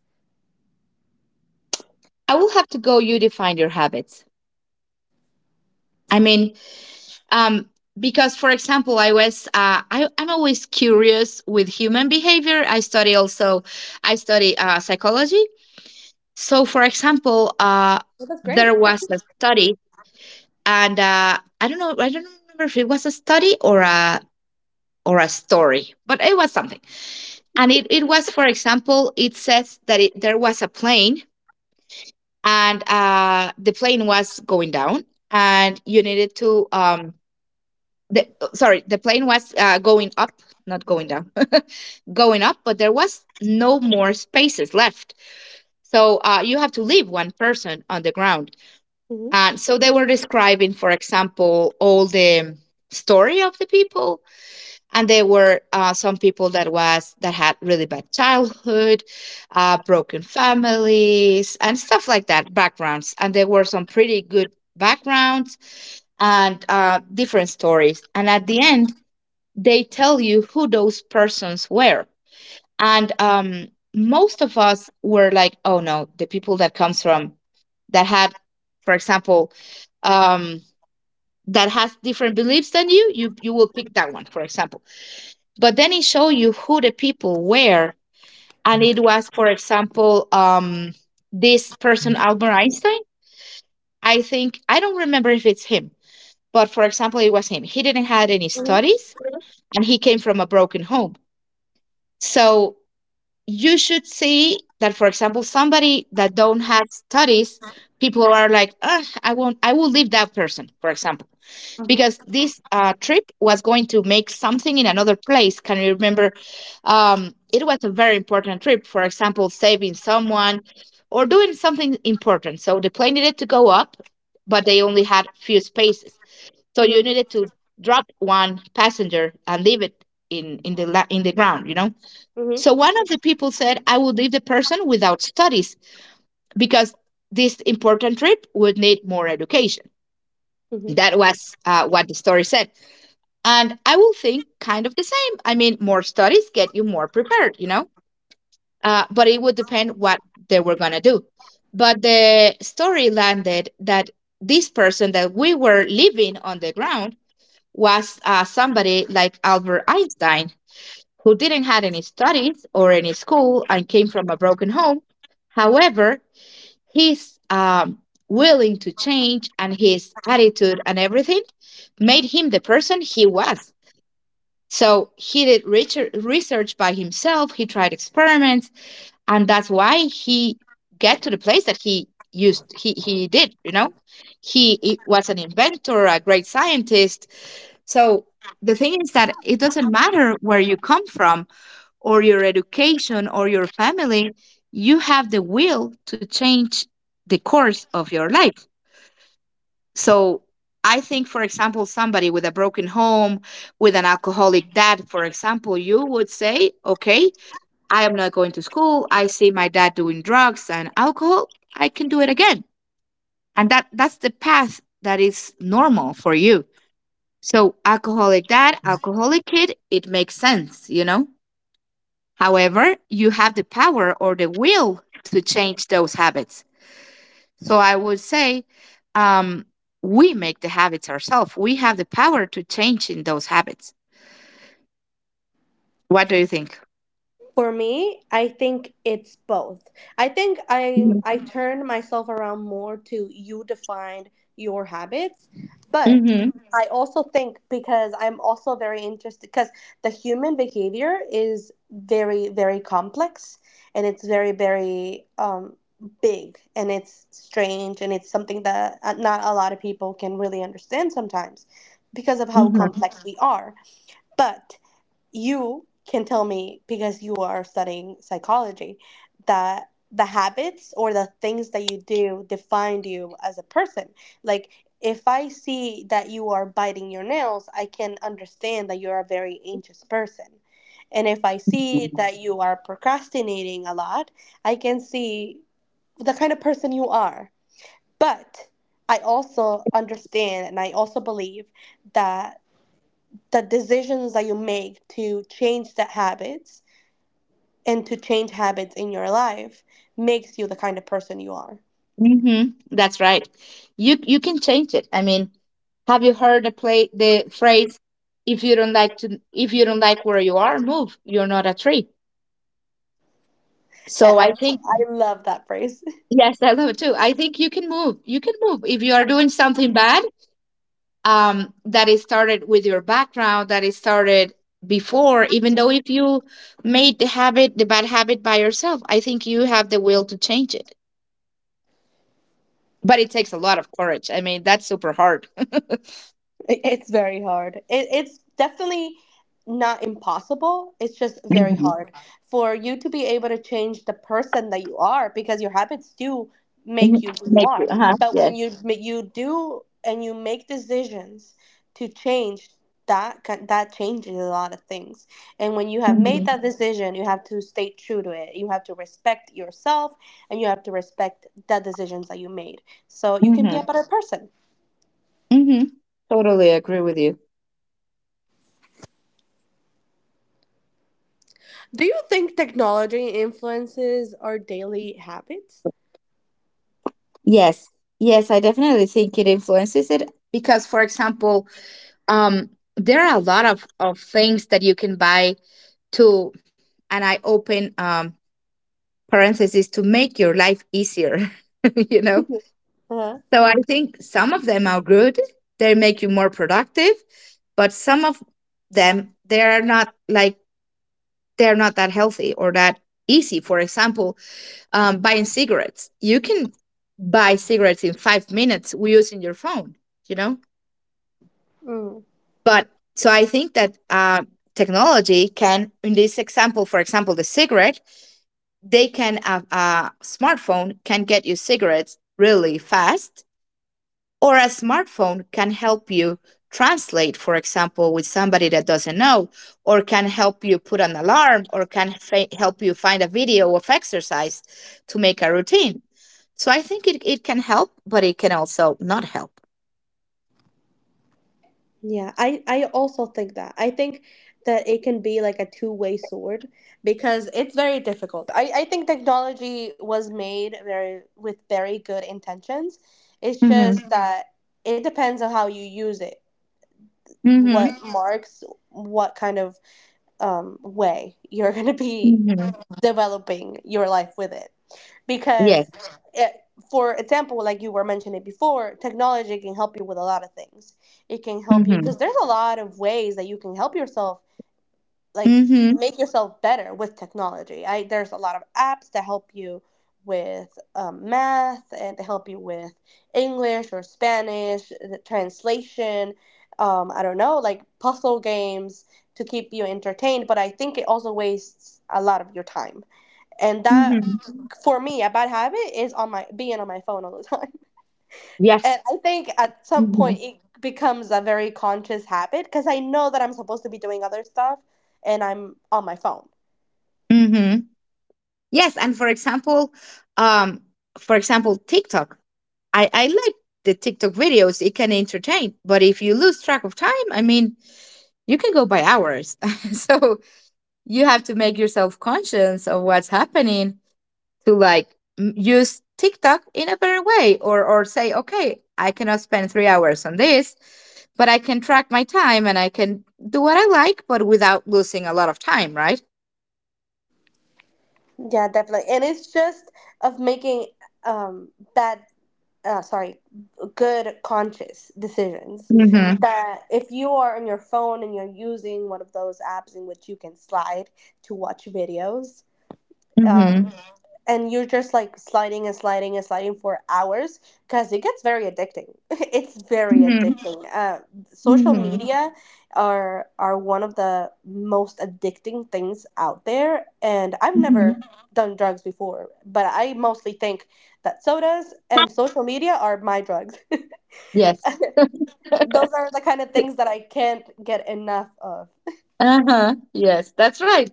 I will have to go. You define your habits. I mean, um, because for example, I'm always curious with human behavior. I study also, I study psychology. So for example,
Well, that's great.
there was a study, and I don't know, I don't remember if it was a study or a story, but it was something. And it was, for example, it says that there was a plane, and the plane was going down, and you needed to, the, sorry, the plane was going up, not going down, going up, but there was no more spaces left. So you have to leave one person on the ground.
hmm
And so they were describing, for example, all the story of the people, and there were some people that had really bad childhood, broken families and stuff like that backgrounds, and there were some pretty good backgrounds and different stories. And at the end, they tell you who those persons were, and most of us were like, oh, no, the people that comes from that had, for example, um, that has different beliefs than you, you will pick that one, for example. But then it showed you who the people were, and it was, for example, this person, Albert Einstein, I think. I don't remember if it's him, but for example, it was him. He didn't have any
hmm
studies and he came from a broken home. So you should see that, for example, somebody that don't have studies, people are like, ugh, I won't I will leave that person, for example,
hmm
because this trip was going to make something in another place. Can you remember? It was a very important trip, for example, saving someone or doing something important. So the plane needed to go up, but they only had few spaces. So you
hmm
needed to drop one passenger and leave it in the ground, you know.
hmm
So one of the people said, "I would leave the person without studies because this important trip would need more education."
hmm
That was what the story said, and I will think kind of the same. I mean, more studies get you more prepared, you know. But it would depend what they were gonna do. But the story landed that this person that we were living on the ground was somebody like Albert Einstein, who didn't had any studies or any school and came from a broken home. However, his willing to change and his attitude and everything made him the person he was. So he did research by himself. He tried experiments, and that's why he get to the place that he used. He did. You know, he was an inventor, a great scientist. So the thing is that it doesn't matter where you come from, or your education, or your family. You have the will to change the course of your life. So I think, for example, somebody with a broken home, with an alcoholic dad, for example, you would say, okay, I am not going to school. I see my dad doing drugs and alcohol. I can do it again. And that's the path that is normal for you. So, alcoholic dad, alcoholic kid, it makes sense, you know? However, you have the power or the will to change those habits. So I would say, um, we make the habits ourselves. We have the power to change in those habits. What do you think?
For me, I think it's both. I think I turn myself around more to, you define your habits, but
Mm-hmm.
I also think, because I'm also very interested because the human behavior is very, very complex and it's very, very big, and it's strange, and it's something that not a lot of people can really understand sometimes, because of how
Mm-hmm.
complex. Mhm. We are. But you can tell me, because you are studying psychology, that the habits or the things that you do define you as a person. Like, if I see that you are biting your nails, I can understand that you're a very anxious person, and if I see that you are procrastinating a lot, I can see the kind of person you are. But I also understand and I also believe that the decisions that you make to change the habits and to change habits in your life makes you the kind of person you are.
Hmm. That's right. You can change it. I mean, have you heard the phrase, if you don't like to if you don't like where you are, move. You're not a tree.
And
So
I
I
also,
think
I love that phrase.
yes, I love it too. I think you can move. You can move. If you are doing something bad, that it started with your background, that it started before, even though if you made the habit, the bad habit by yourself, I think you have the will to change it. But it takes a lot of courage. I mean, that's super hard.
It's very hard. It's definitely not impossible. It's just very
Mhm.
hard for you to be able to change the person that you are, because your habits do make
Mhm.
you who you
Make
are.
you, uh-huh.
But
Yes.
when you you do and you make decisions to change that, that changes a lot of things. And when you have made
Mm-hmm.
that decision, you have to stay true to it. You have to respect yourself and you have to respect the decisions that you made, so you can be a
Hmm.
better person.
Hmm. Totally agree with you.
Do you think technology influences our daily habits?
Yes. Yes, I definitely think it influences it because, for example, um, there are a lot of things that you can buy to, and I open parentheses to make your life easier you know.
Uh-huh.
So I think some of them are good. They make you more productive, but some of them they're not, like they're not that healthy or that easy. For example, buying cigarettes, you can buy cigarettes in 5 minutes using your phone, you know.
Mm.
But so I think that technology can, in this example, for example the cigarette, they can have a smartphone, can get you cigarettes really fast, or a smartphone can help you translate, for example, with somebody that doesn't know, or can help you put an alarm, or can help you find a video of exercise to make a routine. So I think it can help, but it can also not help.
Yeah, I also think that. I think that it can be like a two-way sword, because it's very difficult. I think technology was made very with very good intentions. It's just.
Mm-hmm.
Mhm. That it depends on how you use it,
Mm-hmm.
what. Mhm. Marks what kind of way you're going to be
Mm-hmm.
developing your life with it.
Yes.
Because it, for example, like you were mentioning before, technology can help you with a lot of things. It can help you
Mm-hmm.
because there's a lot of ways that you can help yourself, like
Mm-hmm.
make yourself better with technology. I There's a lot of apps that help you with math and to help you with English or Spanish, the translation. I don't know, like puzzle games to keep you entertained. But I think it also wastes a lot of your time, and that
Mm-hmm.
for me, a bad habit is on, my being on my phone all the time.
Yes.
And I think at some
Mm-hmm.
point it becomes a very conscious habit because I know that I'm supposed to be doing other stuff and I'm on my phone.
Mm-hmm. Yes, and um, for example, TikTok. I like the TikTok videos; it can entertain. But if you lose track of time, I mean, you can go by hours. So you have to make yourself conscious of what's happening to, like, use TikTok in a better way, or say, okay, I cannot spend 3 hours on this, but I can track my time and I can do what I like, but without losing a lot of time, right?
Yeah, definitely. And it's just of making um bad, sorry good conscious decisions,
Mm-hmm.
that if you are on your phone and you're using one of those apps in which you can slide to watch videos, um,
Mm-hmm.
and you're just like sliding and sliding and sliding for hours because it gets very addicting. It's very addicting. Social
Mm-hmm.
media are one of the most addicting things out there, and I've never
Mm-hmm.
done drugs before, but I mostly think that sodas and social media are my drugs.
Yes.
Those are the kind of things that I can't get enough of.
Uh-huh. Yes, that's right.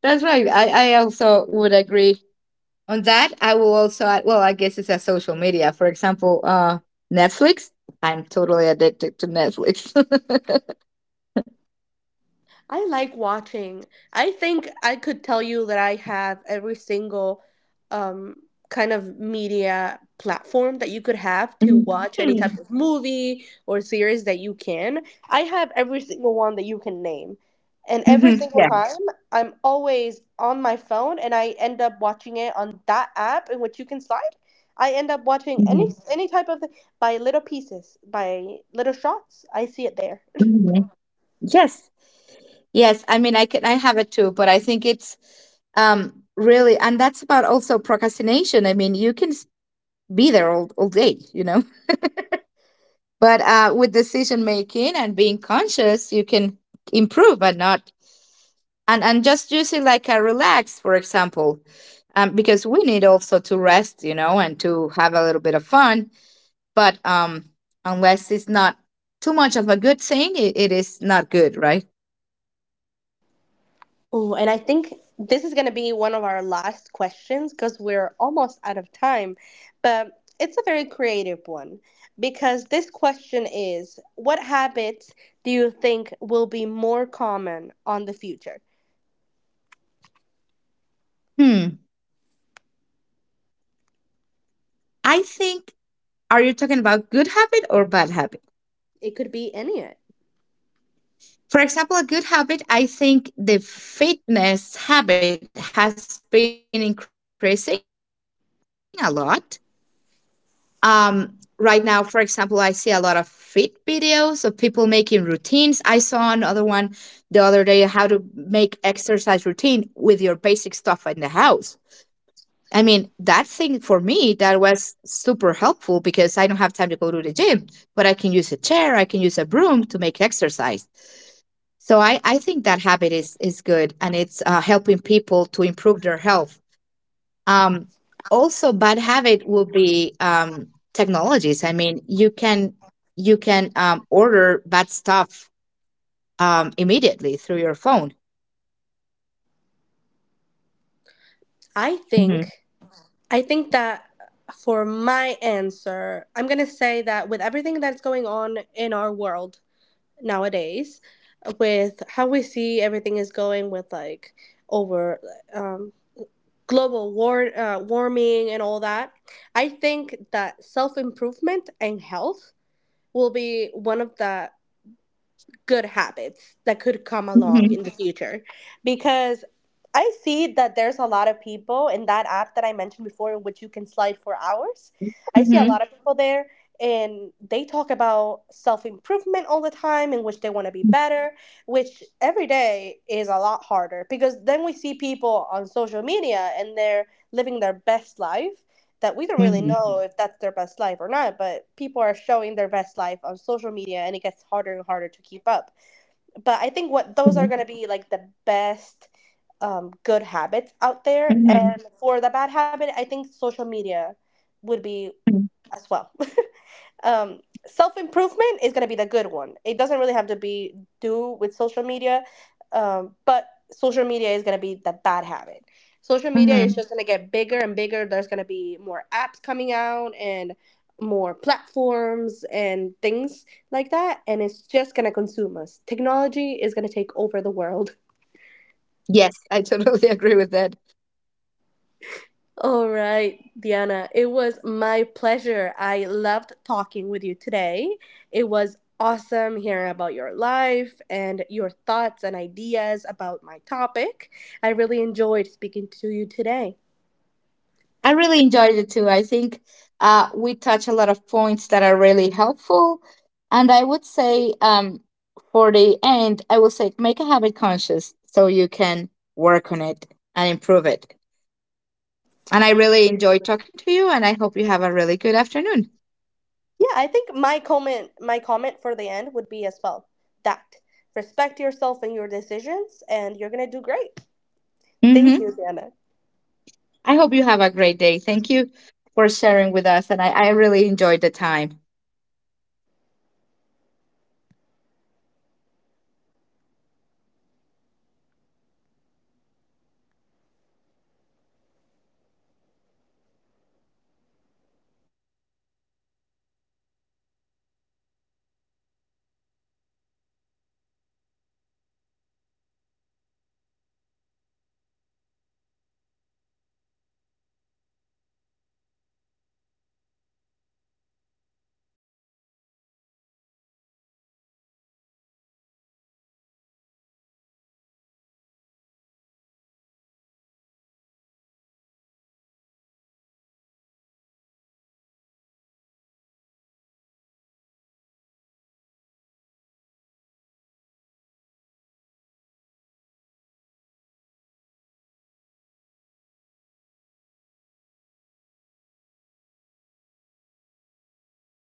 That's right. I also would agree on that. I will also add, well, I guess it's a social media. For example, Netflix. I'm totally addicted to Netflix.
I like watching. I think I could tell you that I have every single um, kind of media platform that you could have to watch any type
Mhm.
of movie or series that you can. I have every single one that you can name. And every
Mhm.
single
Yeah.
time, I'm always on my phone, and I end up watching it on that app in which you can slide. I end up watching
Mhm.
any type of thing by little pieces, by little shots. I see it there.
Mhm. Yes, yes, I mean, I can, I have it too, but I think it's really, and that's about also procrastination. I mean, you can be there all day, you know. But with decision making and being conscious, you can improve, but not, and just using like a relax, for example. Because we need also to rest, you know, and to have a little bit of fun, but unless it's not too much of a good thing, it is not good, right?
Oh, and I think this is going to be one of our last questions, because we're almost out of time. But it's a very creative one, because this question is, what habits do you think will be more common on the future?
Hmm. I think, are you talking about good habit or bad habit?
It could be any of it.
For example, a good habit, I think the fitness habit has been increasing a lot. Right now, for example, I see a lot of fit videos of people making routines. I saw another one the other day, how to make exercise routine with your basic stuff in the house. I mean, that thing for me, that was super helpful because I don't have time to go to the gym, but I can use a chair, I can use a broom to make exercise. So I think that habit is good, and it's helping people to improve their health. Um, Also, bad habit will be technologies. I mean, you can order bad stuff immediately through your phone.
I
Hmm.
think I think that for my answer, I'm going to say that with everything that's going on in our world nowadays, with how we see everything is going with, like, over um. global war, warming and all that, I think that self improvement and health will be one of the good habits that could come along in the future, because I see that there's a lot of people in that app that I mentioned before, in which you can slide for hours. I see a
Hmm.
lot of people there, and they talk about self improvement all the time, in which they want to be better, which every day is a lot harder, because then we see people on social media and they're living their best life, that we don't really know if that's their best life or not, but people are showing their best life on social media, and it gets harder and harder to keep up. But I think what those are going
Hmm.
to be like the best good habits out there.
Hmm.
And for the bad habit, I think social media would be as well. um, Self improvement is going to be the good one. It doesn't really have to be do with social media, but social media is going to be the bad habit. Social media is just
Hmm.
going to get bigger and bigger. There's going to be more apps coming out and more platforms and things like that, and it's just going to consume us. Technology is going to take over the world.
Yes, I totally agree with that.
All right, Diana, it was my pleasure. I loved talking with you today. It was awesome hearing about your life and your thoughts and ideas about my topic. I really enjoyed speaking to you today.
I really enjoyed it too. I think we touch a lot of points that are really helpful. And I would say, for the end, I will say make a habit conscious so you can work on it and improve it. And I really enjoyed talking to you, and I hope you have a really good afternoon.
Yeah, I think my comment for the end would be as well that respect yourself and your decisions and you're going to do great. Thank
Hmm.
you, Diana.
I hope you have a great day. Thank you for sharing with us, and I really enjoyed the time.